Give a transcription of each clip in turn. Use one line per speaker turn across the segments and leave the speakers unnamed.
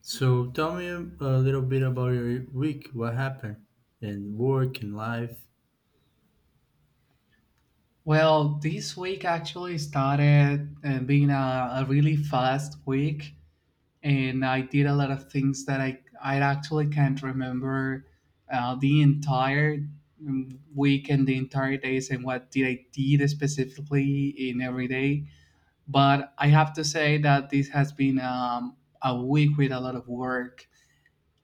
So tell me a little bit about your week. What happened in work and life?
Well, this week actually started being a really fast week, and I did a lot of things that I actually can't remember the entire week and the entire days and what did I did specifically in every day. But I have to say that this has been a week with a lot of work.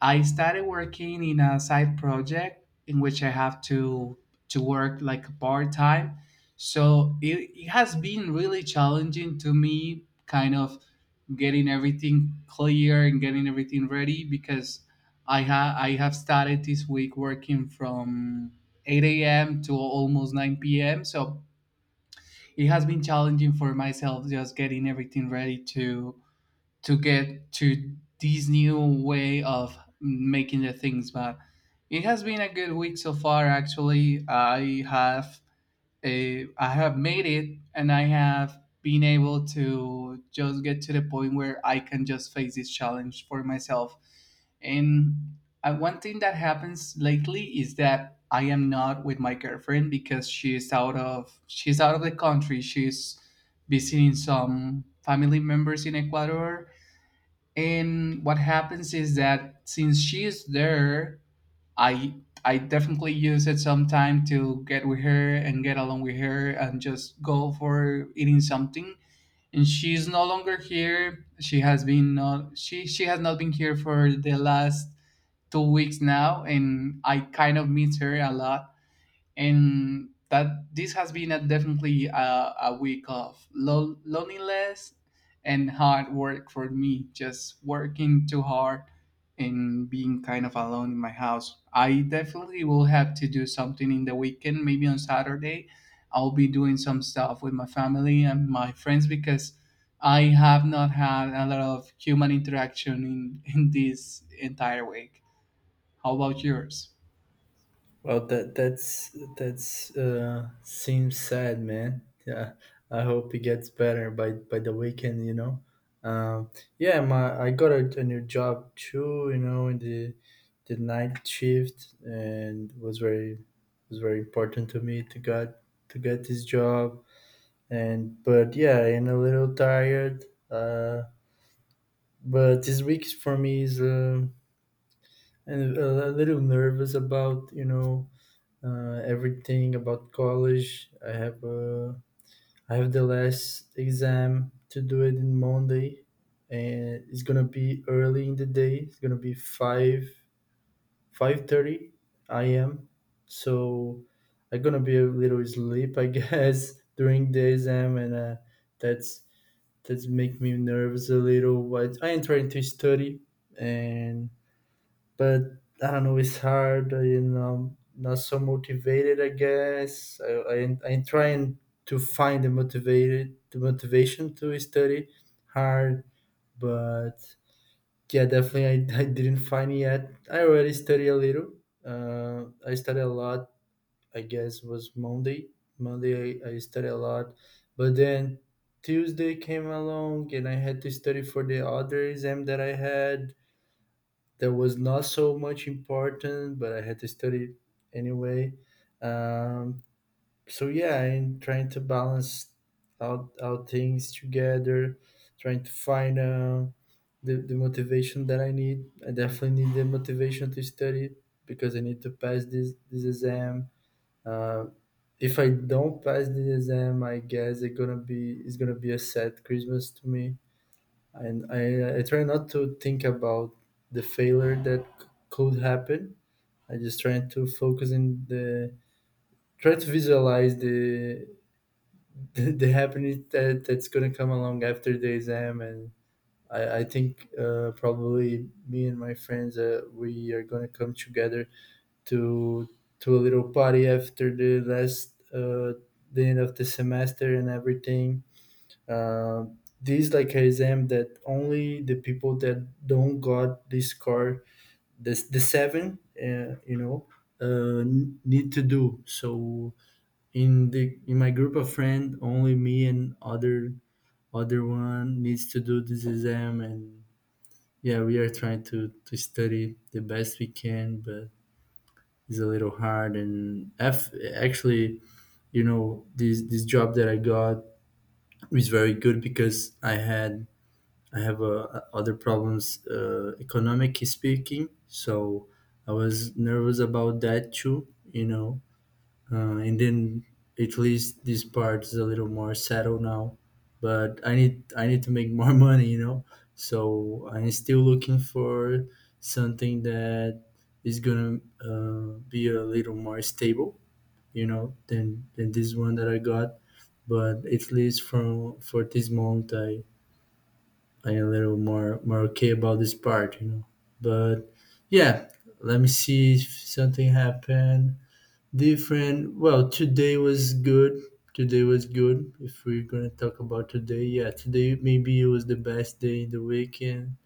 I started working in a side project in which I have to work like part time. So it has been really challenging to me, kind of getting everything clear and getting everything ready because I have started this week working from 8 a.m. to almost 9 p.m. So it has been challenging for myself just getting everything ready to get to this new way of making the things, but it has been a good week so far. Actually, I have made it and I have been able to just get to the point where I can just face this challenge for myself. And one thing that happens lately is that I am not with my girlfriend because she's out of the country. She's visiting some family members in Ecuador, and what happens is that since she's there, I I definitely use it sometime to get with her and get along with her and just go for eating something. And she's no longer here. She has not been here for the last 2 weeks now, and I kind of miss her a lot, and that this has been a definitely a week of loneliness and hard work for me, just working too hard and being kind of alone in my house. I definitely will have to do something in the weekend, maybe on Saturday. I'll be doing some stuff with my family and my friends because I have not had a lot of human interaction in this entire week. How about yours?
Well, that's seems sad, man. Yeah, I hope it gets better by the weekend. Um, yeah, my I got a new job too. You know, in the night shift, and was very important to me to get this job. And but yeah, I'm a little tired. But this week for me is and a little nervous about everything about college. I have the last exam to do it in Monday, and it's gonna be early in the day. It's gonna be five five thirty I a.m. So I'm gonna be a little sleep, I guess, during the exam, and that's that's make me nervous a little. But I am trying to study and but I don't know. It's hard. You know, not so motivated. I guess I'm trying to find the motivation to study hard, but yeah, definitely I didn't find it yet. I already study a little. I study a lot. I guess was Monday. Monday I study a lot, but then Tuesday came along and I had to study for the other exam that I had that was not so much important, but I had to study anyway. Um, so yeah, I'm trying to balance out things together, trying to find the motivation that I need. I definitely need the motivation to study because I need to pass this exam. Uh, if I don't pass the exam, I guess it's gonna be a sad Christmas to me and I try not to think about the failure that could happen. I just try to focus in the try to visualize the the happening that that's gonna come along after the exam, and I think probably me and my friends we are gonna come together to to a little party after the end of the semester and everything. Uh, this like exam that only the people that don't got this card, this the seven, need to do. So in my group of friend, only me and other one needs to do this exam, and yeah, we are trying to study the best we can, but it's a little hard. And F actually, you know, this job that I got is very good because I have other problems, economic speaking. So I was nervous about that too, you know. And then at least this part is a little more settled now. But I need to make more money, you know. So I'm still looking for something that is gonna be a little more stable, you know, than this one that I got. But at least from for this month, I I'm a little more okay about this part, you know. But yeah, let me see if something happened different. Well, today was good. Today was good. If we're gonna talk about today, yeah, today maybe it was the best day in the weekend.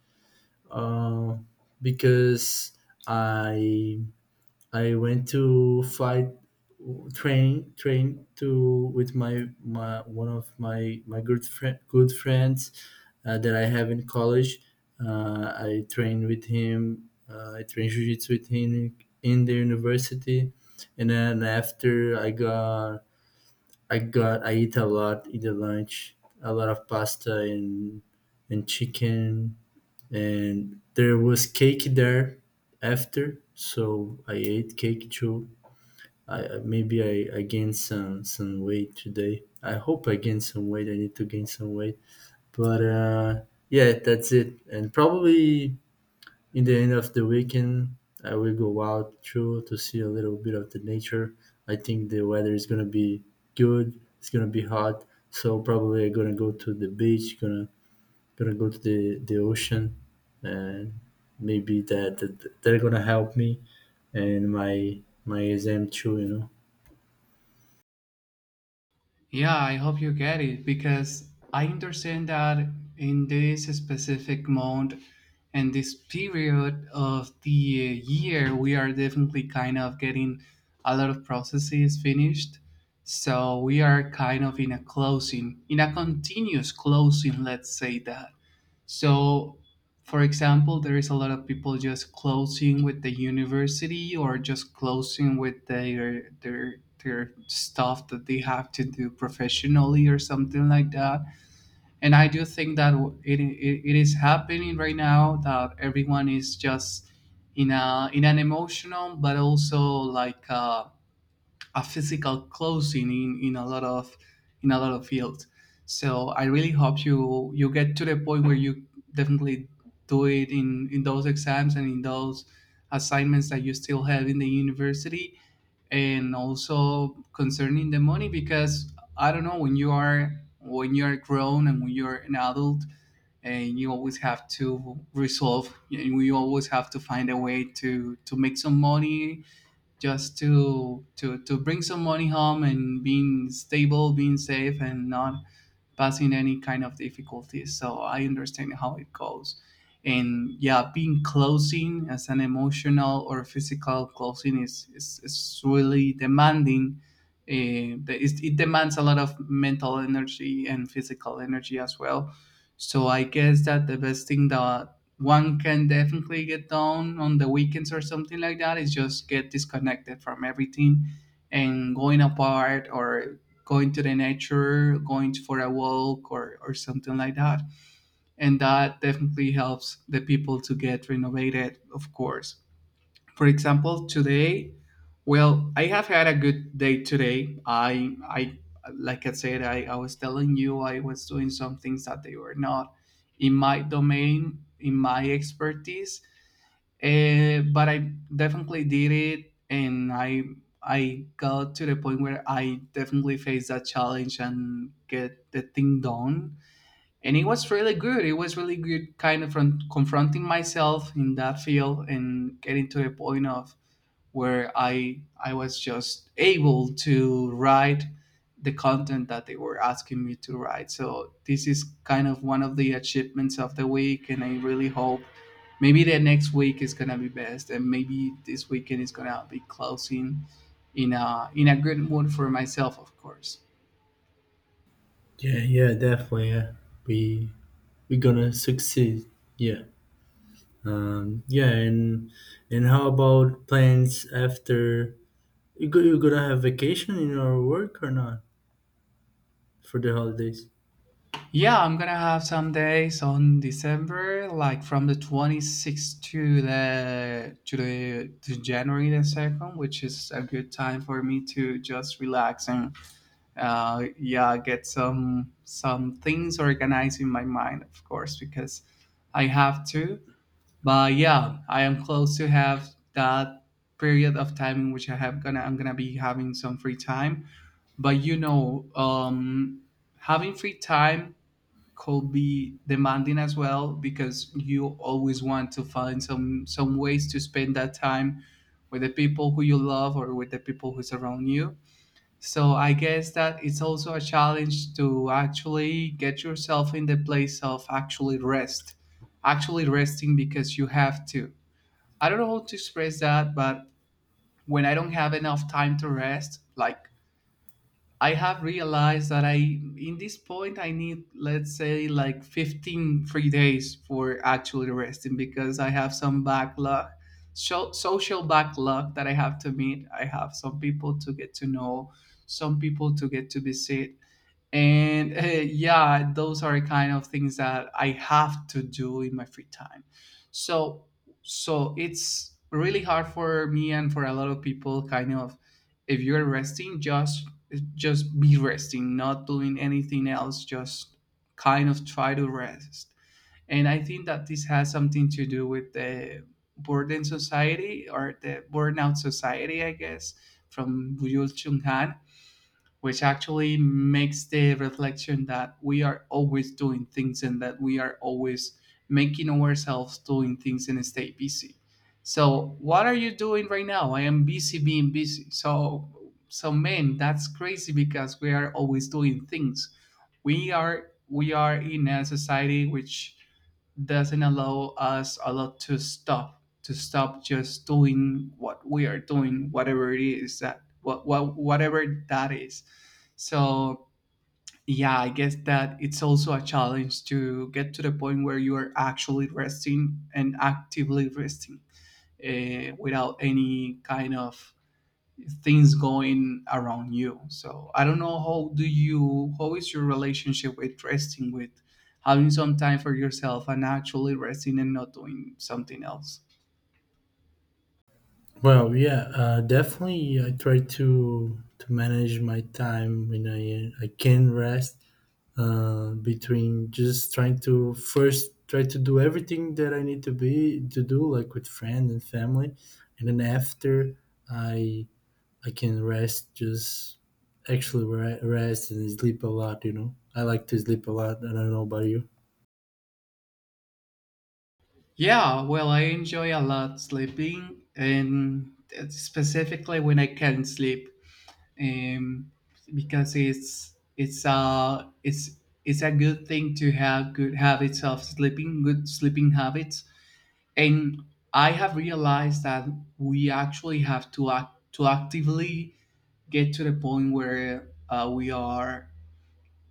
Um, because I I went to flight train train to with my one of my my good friend good friends that I have in college. I trained with him. I trained jiu-jitsu with him in the university, and then after I got I eat a lot in the lunch, a lot of pasta and chicken, and there was cake there after, so I ate cake too. Maybe I gained some weight today. I hope I gained some weight. I need to gain some weight. But yeah, that's it. And probably in the end of the weekend, I will go out through to see a little bit of the nature. I think the weather is gonna be good. It's gonna be hot, so probably I'm gonna go to the beach. Gonna go to the ocean, and maybe that they're gonna help me and my exam too. You know.
Yeah, I hope you get it because I understand that in this specific month and this period of the year, we are definitely kind of getting a lot of processes finished. So we are kind of in a closing, in a continuous closing, let's say that. So, for example, there is a lot of people just closing with the university or just closing with their their stuff that they have to do professionally or something like that. And I do think that it is happening right now that everyone is just in a in an emotional but also like a physical closing in a lot of in a lot of fields. So I really hope you get to the point where you definitely do it in those exams and in those assignments that you still have in the university, and also concerning the money because I don't know, when you are grown and when you're an adult, and you always have to resolve and you always have to find a way to make some money, just to bring some money home and being stable, being safe, and not passing any kind of difficulties. So I understand how it goes. And yeah, being closing as an emotional or physical closing is is really demanding. It, it demands a lot of mental energy and physical energy as well. So I guess that the best thing that one can definitely get done on the weekends or something like that is just get disconnected from everything and going apart, or going to the nature, going for a walk, or something like that. And that definitely helps the people to get renovated, of course. For example, today, well, I have had a good day today. Like I said, I was telling you I was doing some things that they were not in my domain, in my expertise. But I definitely did it, and I got to the point where I definitely faced that challenge and get the thing done. And it was really good. It was really good, kind of from confronting myself in that field and getting to a point of where I was just able to write the content that they were asking me to write. So this is kind of one of the achievements of the week, and I really hope maybe the next week is gonna be best and maybe this weekend is gonna be closing in a good mood for myself, of course.
Yeah, yeah, definitely. Yeah, we we gonna succeed. Yeah, yeah, and how about plans after you go? You gonna have vacation in your work or not for the holidays?
Yeah, I'm gonna have some days on December, like from the 26th to the to the to January the second, which is a good time for me to just relax and yeah, get some things organized in my mind, of course, because I have to. But yeah, I am close to have that period of time in which I'm gonna be having some free time. But you know, having free time could be demanding as well because you always want to find some ways to spend that time with the people who you love or with the people who surround you. So I guess that it's also a challenge to actually get yourself in the place of actually rest, actually resting because you have to. I don't know how to express that, but when I don't have enough time to rest, like I have realized that I in this point I need let's say like 15 free days for actually resting because I have some backlog, so social backlog that I have to meet. I have some people to get to know, some people to get to visit, and yeah, those are kind of things that I have to do in my free time. So it's really hard for me and for a lot of people, kind of. If you're resting, just be resting, not doing anything else, just kind of try to rest. And I think that this has something to do with the burden society or the burnout society, I guess, from Byul Chung, which actually makes the reflection that we are always doing things and that we are always making ourselves doing things and stay busy. So what are you doing right now? I am busy being busy. So man, that's crazy because we are always doing things. We are in a society which doesn't allow us a lot to stop, just doing what we are doing, whatever it is, that whatever that is. So yeah, I guess that it's also a challenge to get to the point where you are actually resting and actively resting, without any kind of things going around you. So I don't know, how do you, how is your relationship with resting, with having some time for yourself and actually resting and not doing something else?
Well, yeah, definitely. I try to manage my time when I can rest between just trying to first try to do everything that I need to do, like with friends and family, and then after I I can rest, just actually rest and sleep a lot. You know, I like to sleep a lot. And I don't know about you.
Yeah, well, I enjoy a lot sleeping, and specifically when I can sleep, um, because it's a good thing to have good habits of sleeping, good sleeping habits. And I have realized that we actually have to act to actively get to the point where uh, we are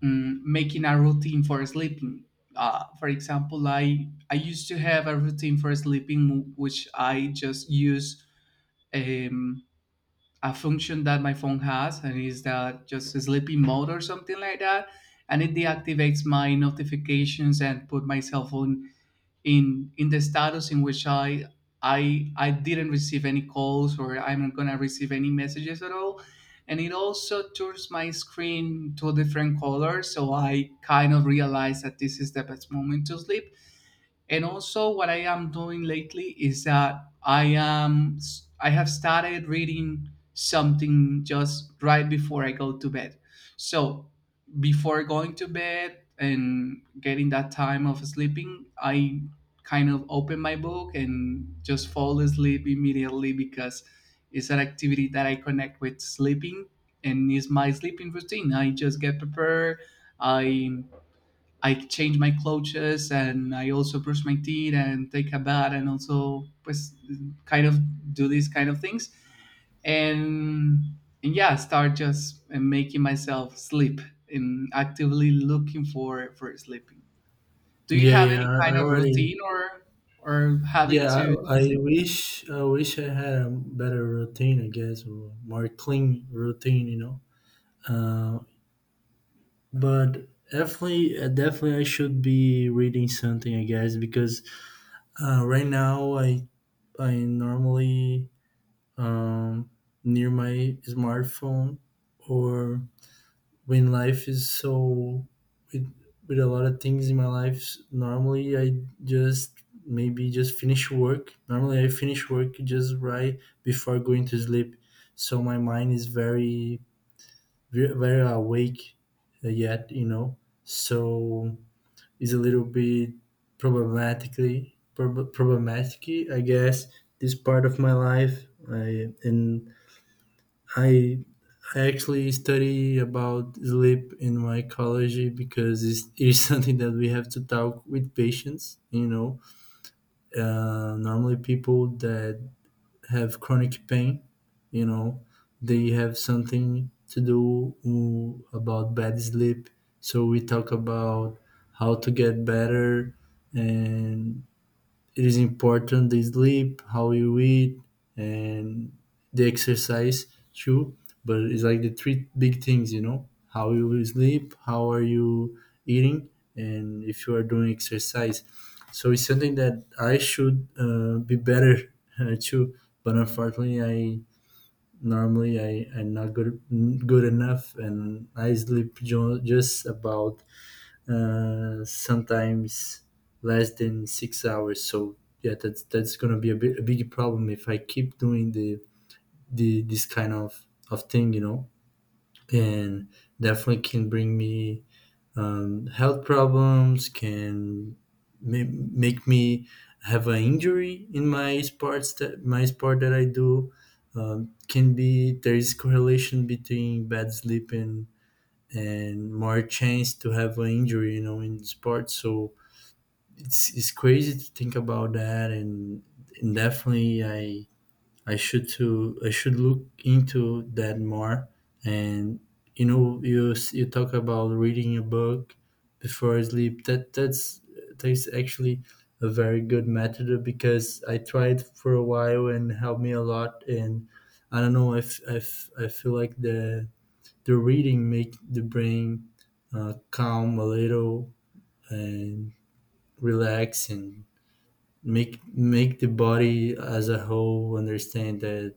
mm, making a routine for sleeping. For example, I used to have a routine for sleeping, which I just use. Um, a function that my phone has, and is that just a sleepy mode or something like that, and it deactivates my notifications and put my cell phone in the status in which I I didn't receive any calls or I'm not gonna receive any messages at all, and it also turns my screen to a different color, so I kind of realize that this is the best moment to sleep. And also, what I am doing lately is that I have started reading something just right before I go to bed. So before going to bed and getting that time of sleeping, I kind of open my book and just fall asleep immediately because it's an activity that I connect with sleeping, and is my sleeping routine. I just get prepared. I I change my clothes and I also brush my teeth and take a bath and also pues, kind of do these kind of things, and yeah, start just making myself sleep and actively looking for sleeping. Do you
Yeah,
have
yeah.
any kind
I
of
already.
routine or habit
Yeah,
to sleep?
I wish I had a better routine. I guess or more clean routine. You know. Uh, but definitely, definitely, I should be reading something. I guess because right now I normally um, near my smartphone or when life is so with, with a lot of things in my life normally I just maybe just finish work normally I finish work just right before going to sleep so my mind is very awake yet you know so it's a little bit problematic I guess this part of my life i and I I actually study about sleep in mycology because it is something that we have to talk with patients. You know, normally people that have chronic pain, you know, they have something to do about bad sleep. So we talk about how to get better and it is important the sleep, how you eat, and the exercise too. But it's like the three big things, you know, how you will sleep, how are you eating, and if you are doing exercise. So it's something that I should be better too. But unfortunately, I normally I am not good enough, and I sleep just about sometimes less than 6 hours. So yeah, that's gonna be a big problem if I keep doing the this of thing, you know, and definitely can bring me health problems, can make me have an injury in my sports that my sport that I do. Can be there is correlation between bad sleep and more chance to have an injury, you know, in sports. So it's crazy to think about that and definitely I should look into that more and you know you you talk about reading a book before sleep that that's actually a very good method because I tried for a while and helped me a lot and I don't know if I feel like the reading make the brain calm a little and relax and make the body as a whole understand that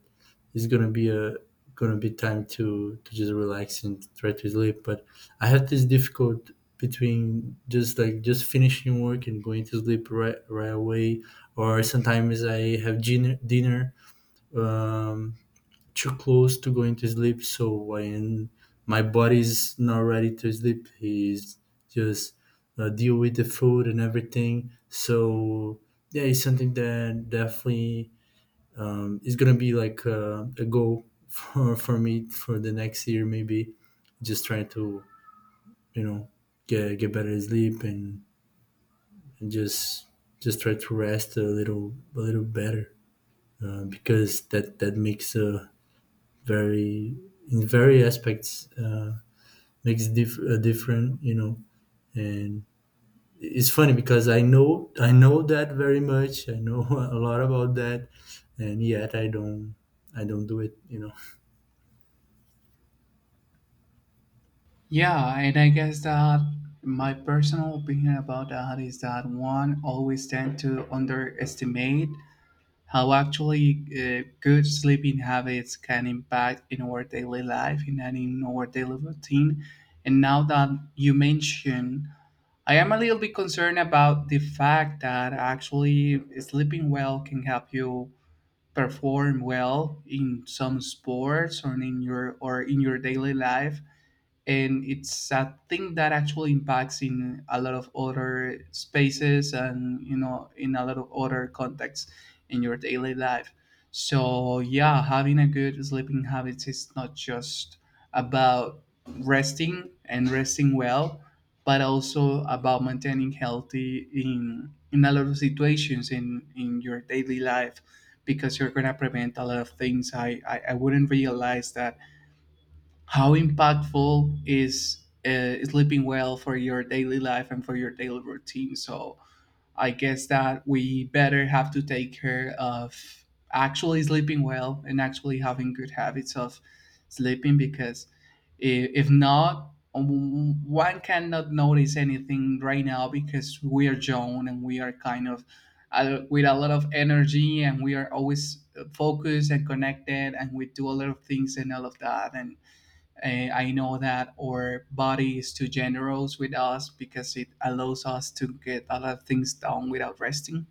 it's gonna be a gonna be time to just relax and try to sleep but I have this difficult between just like just finishing work and going to sleep right away or sometimes I have dinner um too close to going to sleep. So when my body's not ready to sleep, he's just deal with the food and everything. So yeah, it's something that definitely is gonna be a goal for me for the next year. Maybe just trying to you know get better sleep, and just try to rest a little better, because that that makes a very in very aspects, makes a different, you know. And it's funny because I know that very much. I know a lot about that, and yet I don't do it, you know.
Yeah, and I guess that my personal opinion about that is that one always tend to underestimate how actually good sleeping habits can impact in our daily life and then in our daily routine. And now that you mention, I am a little bit concerned about the fact that actually sleeping well can help you perform well in some sports or in your daily life, and it's a thing that actually impacts in a lot of other spaces and in a lot of other contexts in your daily life. So yeah, having a good sleeping habits is not just about resting and resting well, but also about maintaining healthy in a lot of situations in your daily life because you're gonna prevent a lot of things. I wouldn't realize that how impactful is sleeping well for your daily life and for your daily routine. So I guess that we better have to take care of actually sleeping well and actually having good habits of sleeping because if not, one cannot notice anything right now because we are young and we are kind of with a lot of energy, and we are always focused and connected, and we do a lot of things and all of that. And I know that our body is too generous with us because it allows us to get a lot of things done without resting.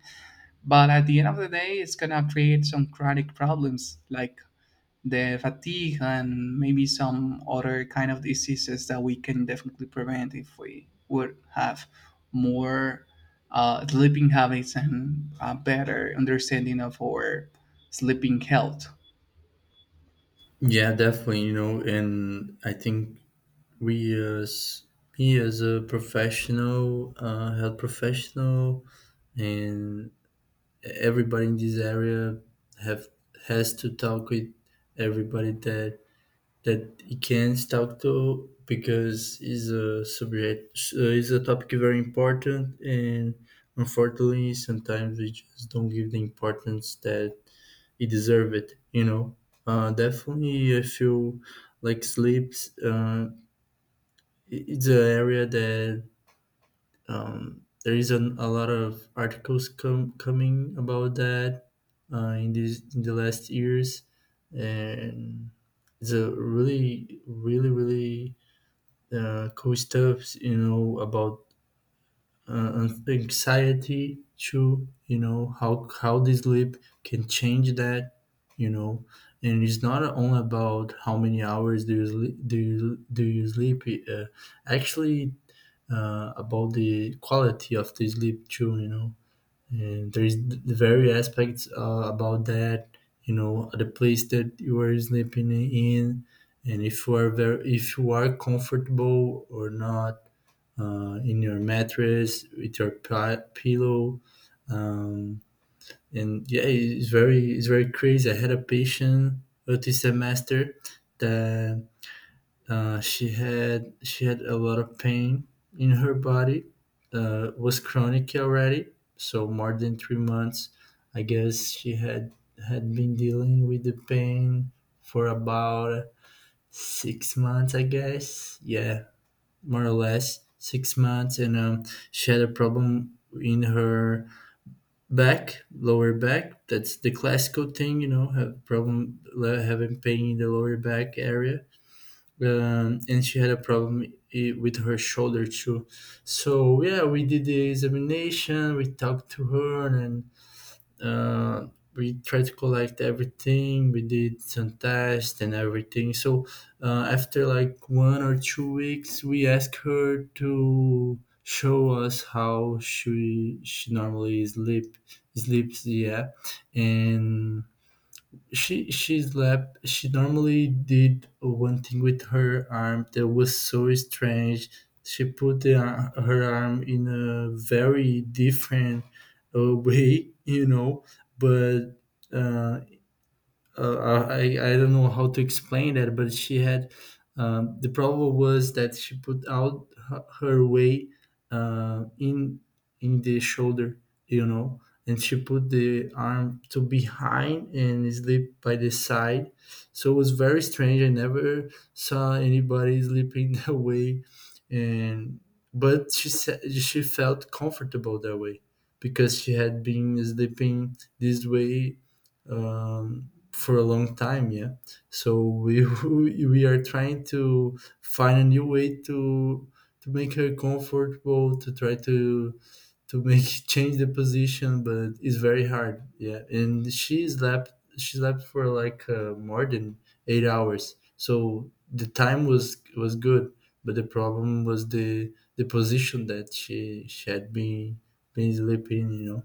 But at the end of the day, it's going to create some chronic problems like the fatigue and maybe some other kind of diseases that we can definitely prevent if we would have more sleeping habits and a better understanding of our sleeping health.
Yeah, definitely, you know. And I think we as me as a professional, health professional, and everybody in this area have has to talk with everybody that that he can talk to, because it's a subject, it's a topic very important. And unfortunately sometimes we just don't give the importance that it deserve it, you know. Definitely I feel like sleeps, it's an area that, there is a lot of articles coming about that, in these in the last years. And it's a really really really, cool stuff, you know, about, uh, anxiety too, you know, how the sleep can change that, you know. And it's not only about how many hours do you sleep, do you sleep, uh, actually, about the quality of the sleep too, you know. And there's the very aspects, about that, you know, the place that you are sleeping in, and if you are very if you are comfortable or not, in your mattress with your pillow. Um, and yeah, it's very crazy. I had a patient, this semester, that, she had a lot of pain in her body. Was chronic already, so more than 3 months. I guess she had had been dealing with the pain for about 6 months, I guess. Yeah, more or less 6 months. And she had a problem in her back, lower back. That's the classical thing, you know, have problem having pain in the lower back area. And she had a problem with her shoulder too. So yeah, we did the examination. We talked to her, and, uh, we tried to collect everything. We did some tests and everything. So, after like 1 or 2 weeks we asked her to show us how she normally sleeps. Yeah. And she normally did one thing with her arm that was so strange. She put the, her arm in a very different, way, you know. But, uh, I don't know how to explain that, but she had, the problem was that she put out her her way, uh, in in the shoulder, you know, and she put the arm to behind and sleep by the side. So it was very strange. I never saw anybody sleeping that way. And but she said she felt comfortable that way because she had been sleeping this way, Um, for a long time, yeah. So we we are trying to find a new way to make her comfortable, to try to make change the position, but it's very hard. Yeah. And she slept for like, more than 8 hours, so the time was good. But the problem was the position that she had been sleeping, you know.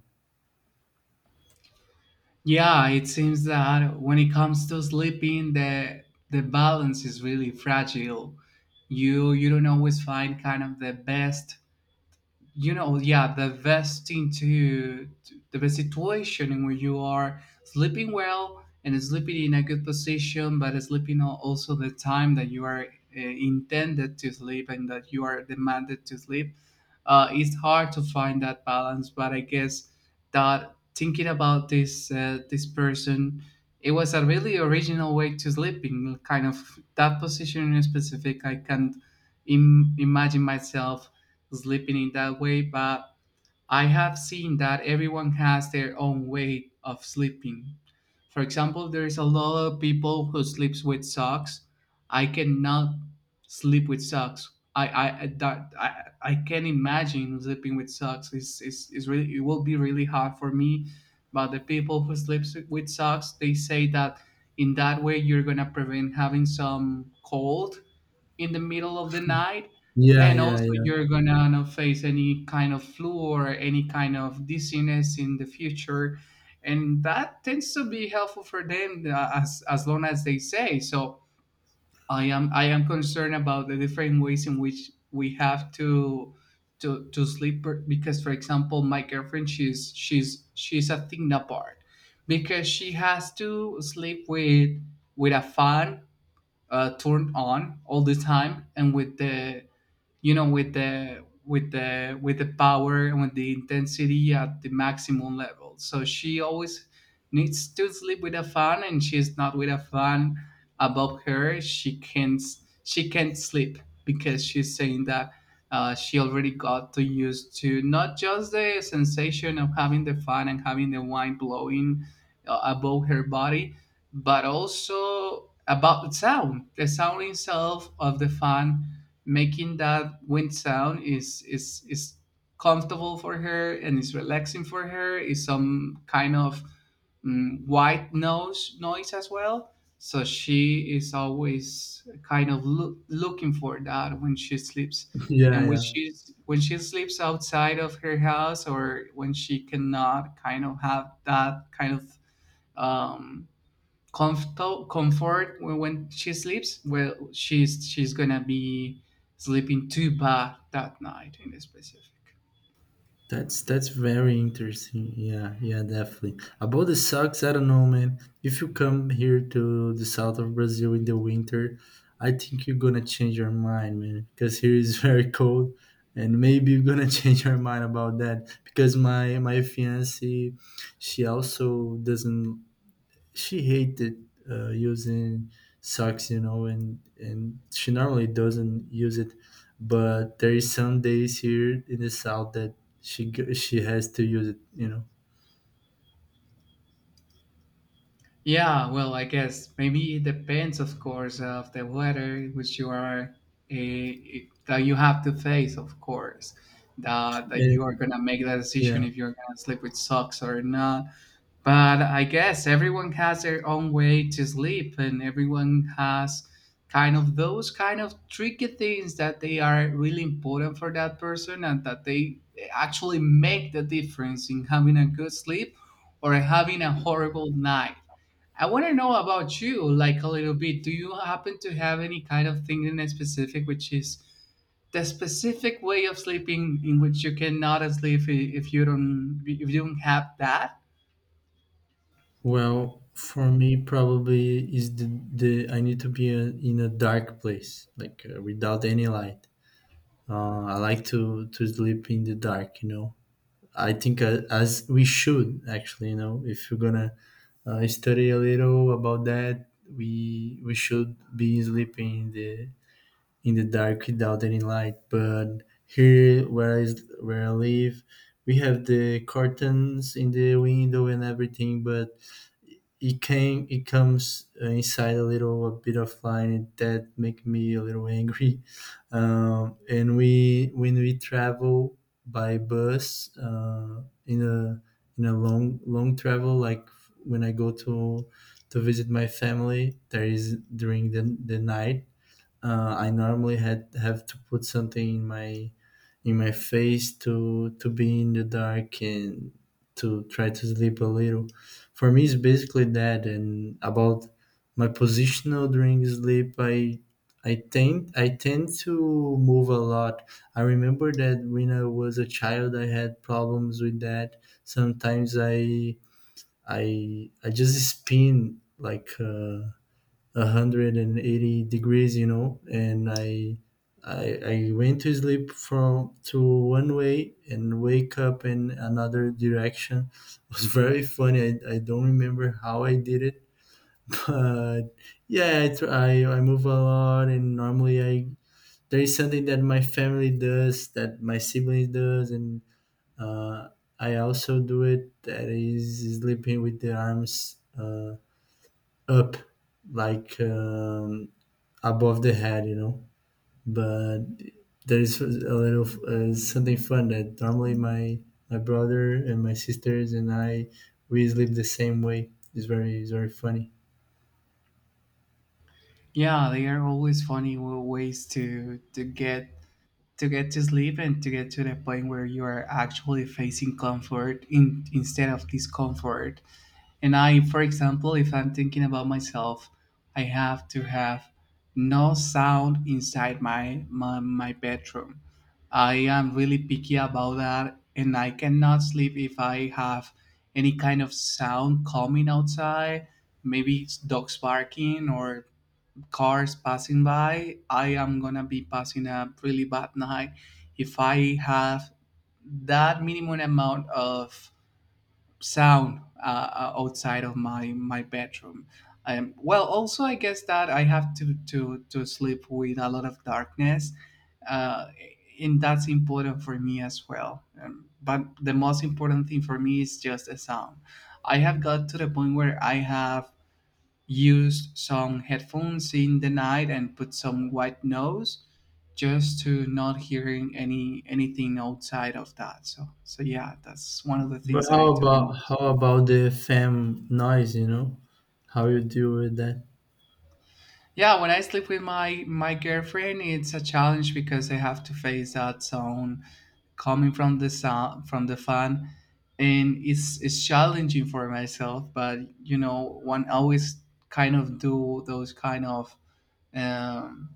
Yeah, it seems that when it comes to sleeping, the balance is really fragile. You don't always find kind of the best, yeah, the best thing the best situation in where you are sleeping well and sleeping in a good position, but sleeping also the time that you are intended to sleep and that you are demanded to sleep. It's hard to find that balance, but I guess that thinking about this person, it was a really original way to sleep in kind of that position in specific. I can't imagine myself sleeping in that way, but I have seen that everyone has their own way of sleeping. For example, there is a lot of people who sleeps with socks. I cannot sleep with socks. I can imagine sleeping with socks. It's really, it will be really hard for me. But the people who sleeps with socks, they say that in that way you're gonna prevent having some cold in the middle of the night,
Yeah,
and
yeah,
also
yeah.
you're gonna not face any kind of flu or any kind of dizziness in the future, and that tends to be helpful for them as long as they say so. I am concerned about the different ways in which we have to sleep because for example my girlfriend, she's a thing apart because she has to sleep with a fan turned on all the time, and with the with the power and with the intensity at the maximum level, so she always needs to sleep with a fan, and she's not with a fan above her, she can't sleep because she's saying that she already got to used to not just the sensation of having the fan and having the wind blowing above her body, but also about the sound, itself of the fan making that wind sound is comfortable for her and is relaxing for her, is some kind of white noise as well. So she is always kind of looking for that when she sleeps.
Yeah,
And
yeah.
when she sleeps outside of her house, or when she cannot kind of have that kind of um, comfort, when she sleeps well, she's gonna be sleeping too bad that night in specific.
That's very interesting. Yeah, yeah, definitely. About the socks, I don't know, man. If you come here to the south of Brazil in the winter, I think you're gonna change your mind, man. Because here is very cold, and maybe you're gonna change your mind about that. Because my fiance, she also doesn't she hated, using socks, you know, and she normally doesn't use it. But there is some days here in the south that she has to use it, you know.
Yeah, well, I guess maybe it depends, of course, of the weather which you are uh, that you have to face, of course, that you are
And
gonna make that
yeah,
decision if you're gonna sleep with socks or not. But I guess everyone has their own way to sleep, and everyone has kind of those kind of tricky things that they are really important for that person and that they actually make the difference in having a good sleep or having a horrible night. I want to know about you, like a little bit. Do you happen to have any kind of thing in specific, which is the specific way of sleeping in which you cannot sleep if you don't, if you don't have that?
well, for me probably is the I need to be, uh, in a dark place, like, without any light. I like to sleep in the dark, you know. I think, as we should actually, you know, if you're gonna, study a little about that, we should be sleeping in the dark without any light. But here, where where I live, we have the curtains in the window and everything, but it comes, inside a bit of line that make me a little angry. Um, and we when we travel by bus, in a long long travel, like when I go to visit my family, there is during the night, I normally had have to put something in my face to be in the dark and to try to sleep a little. For me, it's basically that. And about my positional during sleep, I I tend to move a lot. I remember that when I was a child, I had problems with that. Sometimes I just spin like. 180 degrees, you know, and I, I went to sleep from to one way and wake up in another direction. It was very funny. I don't remember how I did it, but yeah, I move a lot, and normally I there is something that my family does, that my siblings does, and, uh, I also do it. That is sleeping with the arms, up, like, above the head, you know. But there is a little, something fun that normally my my brother and my sisters and I we sleep the same way. It's very funny.
Yeah, they are always funny ways to to get to get to sleep and to get to the point where you are actually facing comfort in, instead of discomfort. And I, for example, if I'm thinking about myself, I have to have no sound inside my bedroom. I am really picky about that, and I cannot sleep if I have any kind of sound coming outside. Maybe it's dogs barking or cars passing by. I am gonna be passing a really bad night if I have that minimum amount of sound outside of my bedroom. Well, also I guess that I have to sleep with a lot of darkness, uh, and that's important for me as well. But the most important thing for me is just the sound. I have got to the point where I have used some headphones in the night and put some white noise just to not hearing any anything outside of that. So yeah, that's one of the
But
things that I do.
how about the fam noise? You know, how you deal with that?
Yeah, when I sleep with my girlfriend, it's a challenge because I have to face that sound coming from the sound from the fan, and it's challenging for myself. But you know, one always kind of do those kind of um,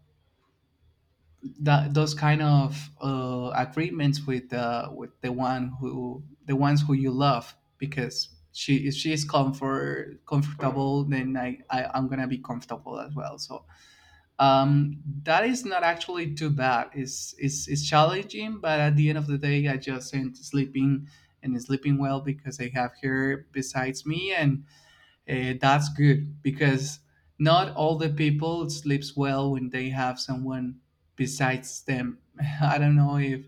that those kind of agreements with the ones who you love because she, if she is comfortable, then I'm gonna be comfortable as well. So that is not actually too bad. It's challenging, but at the end of the day, I just am sleeping and sleeping well because I have her besides me, and that's good because not all the people sleeps well when they have someone besides them. I don't know if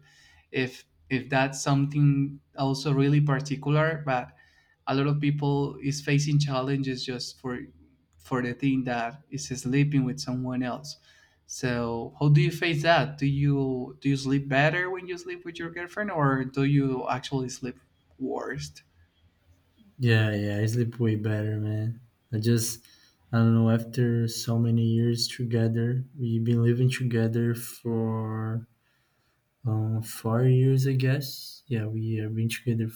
that's something also really particular, but a lot of people is facing challenges just for the thing that is sleeping with someone else. So how do you face that? Do you sleep better when you sleep with your girlfriend, or do you actually sleep worse?
Yeah, yeah, I sleep way better, man. I just I don't know. After so many years together, we've been living together for, 4 years, I guess. Yeah, we have been together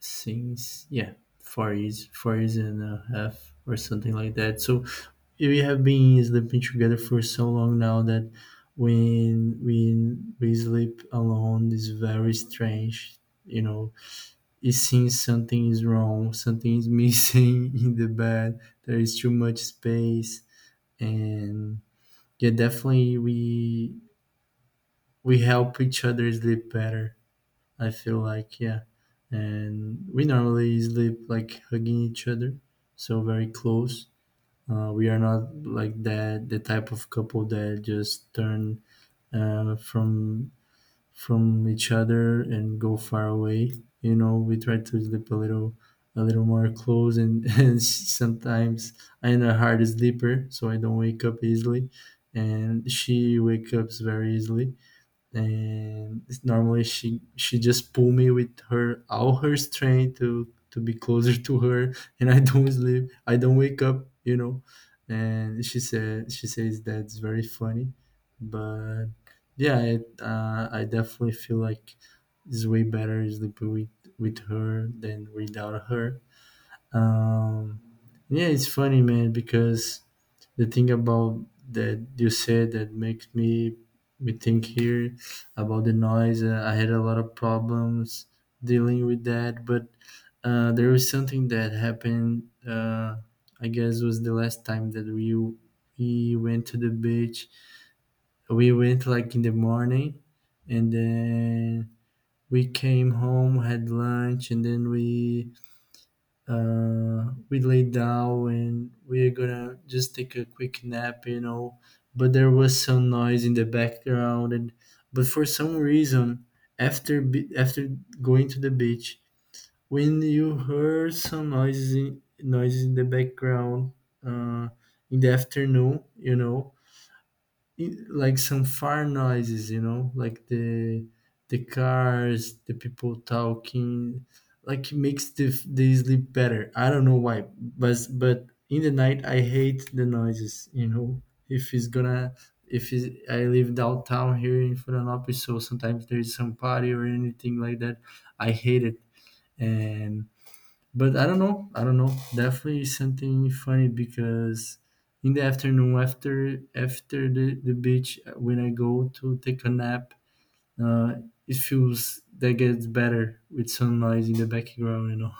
since yeah 4 years and a half or something like that. So we have been sleeping together for so long now that when we sleep alone is very strange, you know. It seems something is wrong, something is missing. In the bed there is too much space. And yeah, definitely we help each other sleep better, I feel like. Yeah, and we normally sleep like hugging each other, so very close. We are not like that the type of couple that just turn, uh, from from each other and go far away. You know, we try to sleep a little more close, and, and sometimes I'm a hard sleeper, so I don't wake up easily, and she wakes up very easily. And it's normally she just pull me with her all her strength to be closer to her, and I don't sleep, I don't wake up, you know. And she says that's very funny. But yeah, it, I definitely feel like it's way better sleeping with her than without her. um yeah, it's funny, man, because the thing about that you said that makes me think here about the noise. I had a lot of problems dealing with that, but, there was something that happened. I guess was the last time that we went to the beach. We went like in the morning, and then we came home, had lunch, and then we laid down and we are gonna just take a quick nap, you know. But there was some noise in the background. And but for some reason, after going to the beach, when you heard some noises in the background, uh, in the afternoon, you know, like some far noises, you know, like the cars, the people talking, like it makes the sleep better. I don't know why, but in the night I hate the noises, you know. If it's gonna if it's, I live downtown here in florianópolis, so sometimes there's some party or anything like that. I hate it. And but I don't know. I don't know. Definitely something funny because in the afternoon after the beach, when I go to take a nap, uh, it feels that gets better with some noise in the background, you know.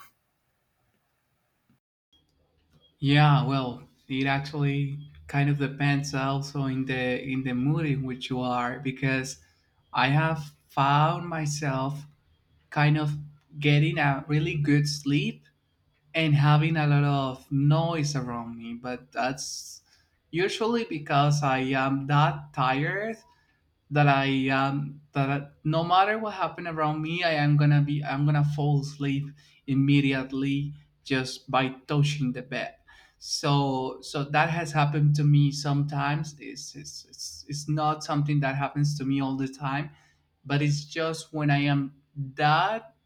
Yeah, well, it actually kind of depends also in the mood in which you are, because I have found myself kind of getting a really good sleep and having a lot of noise around me, but that's usually because I am that tired that I am that I- no matter what happened around me, I'm gonna fall asleep immediately just by touching the bed. So that has happened to me sometimes. It's not something that happens to me all the time, but it's just when I am that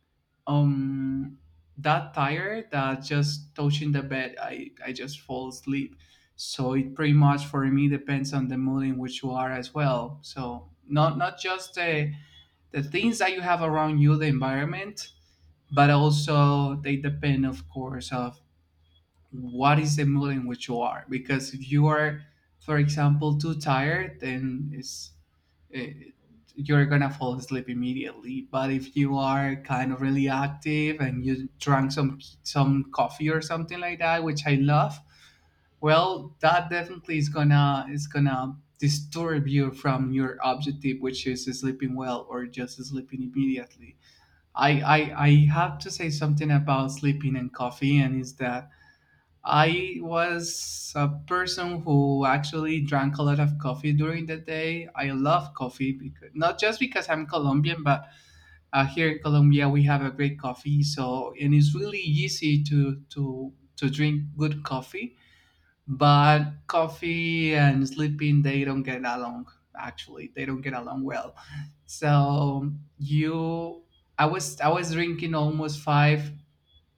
um that tired that just touching the bed I just fall asleep. So it pretty much for me depends on the mood in which you are as well, so not just the things that you have around you, the environment, but also they depend of course of what is the mood in which you are, because if you are for example too tired, then eh, you're gonna fall asleep immediately, but if you are kind of really active and you drank some coffee or something like that, which I love, well, that definitely is gonna disturb you from your objective, which is sleeping well or just sleeping immediately. I have to say something about sleeping and coffee, and is that I was a person who actually drank a lot of coffee during the day. I love coffee, because not just because I'm Colombian, but here in Colombia we have a great coffee. So and it's really easy to drink good coffee. But coffee and sleeping, they don't get along. Actually, they don't get along well. So you, I was drinking almost five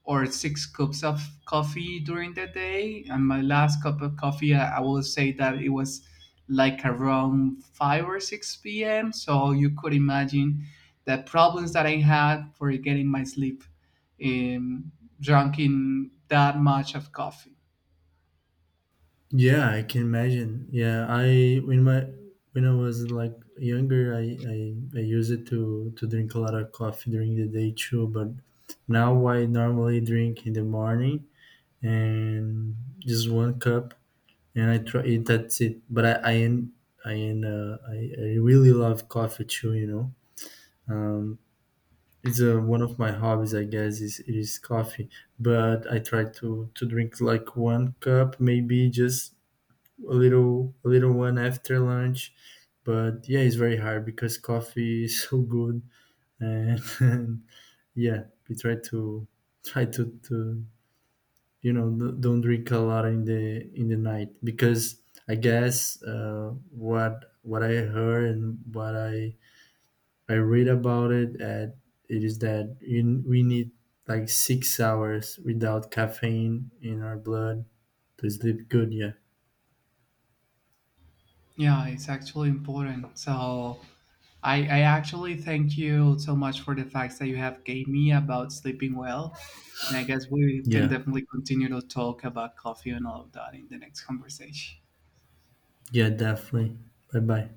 or six cups of coffee during the day. And my last cup of coffee, I will say that it was like around 5 or 6 p.m. So you could imagine the problems that I had for getting my sleep, um, drinking that much of coffee.
Yeah, I can imagine. Yeah, I when my when I was like younger, I used it to drink a lot of coffee during the day too. But now I normally drink in the morning and just one cup, and I try it. That's it. But I really love coffee too, you know. Um, it's, one of my hobbies, I guess, is coffee. But I try to drink like one cup, maybe just a little one after lunch. But yeah, it's very hard because coffee is so good, and, and yeah, we try to try to, you know, don't drink a lot in the night, because I guess, what I heard and what I read about it at it is that we need like 6 hours without caffeine in our blood to sleep good. Yeah,
Yeah, it's actually important. So I actually thank you so much for the facts that you have gave me about sleeping well. And I guess we can
yeah,
definitely continue to talk about coffee and all of that in the next conversation.
yeah, definitely. Bye bye.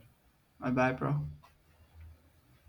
Bye bye, bro.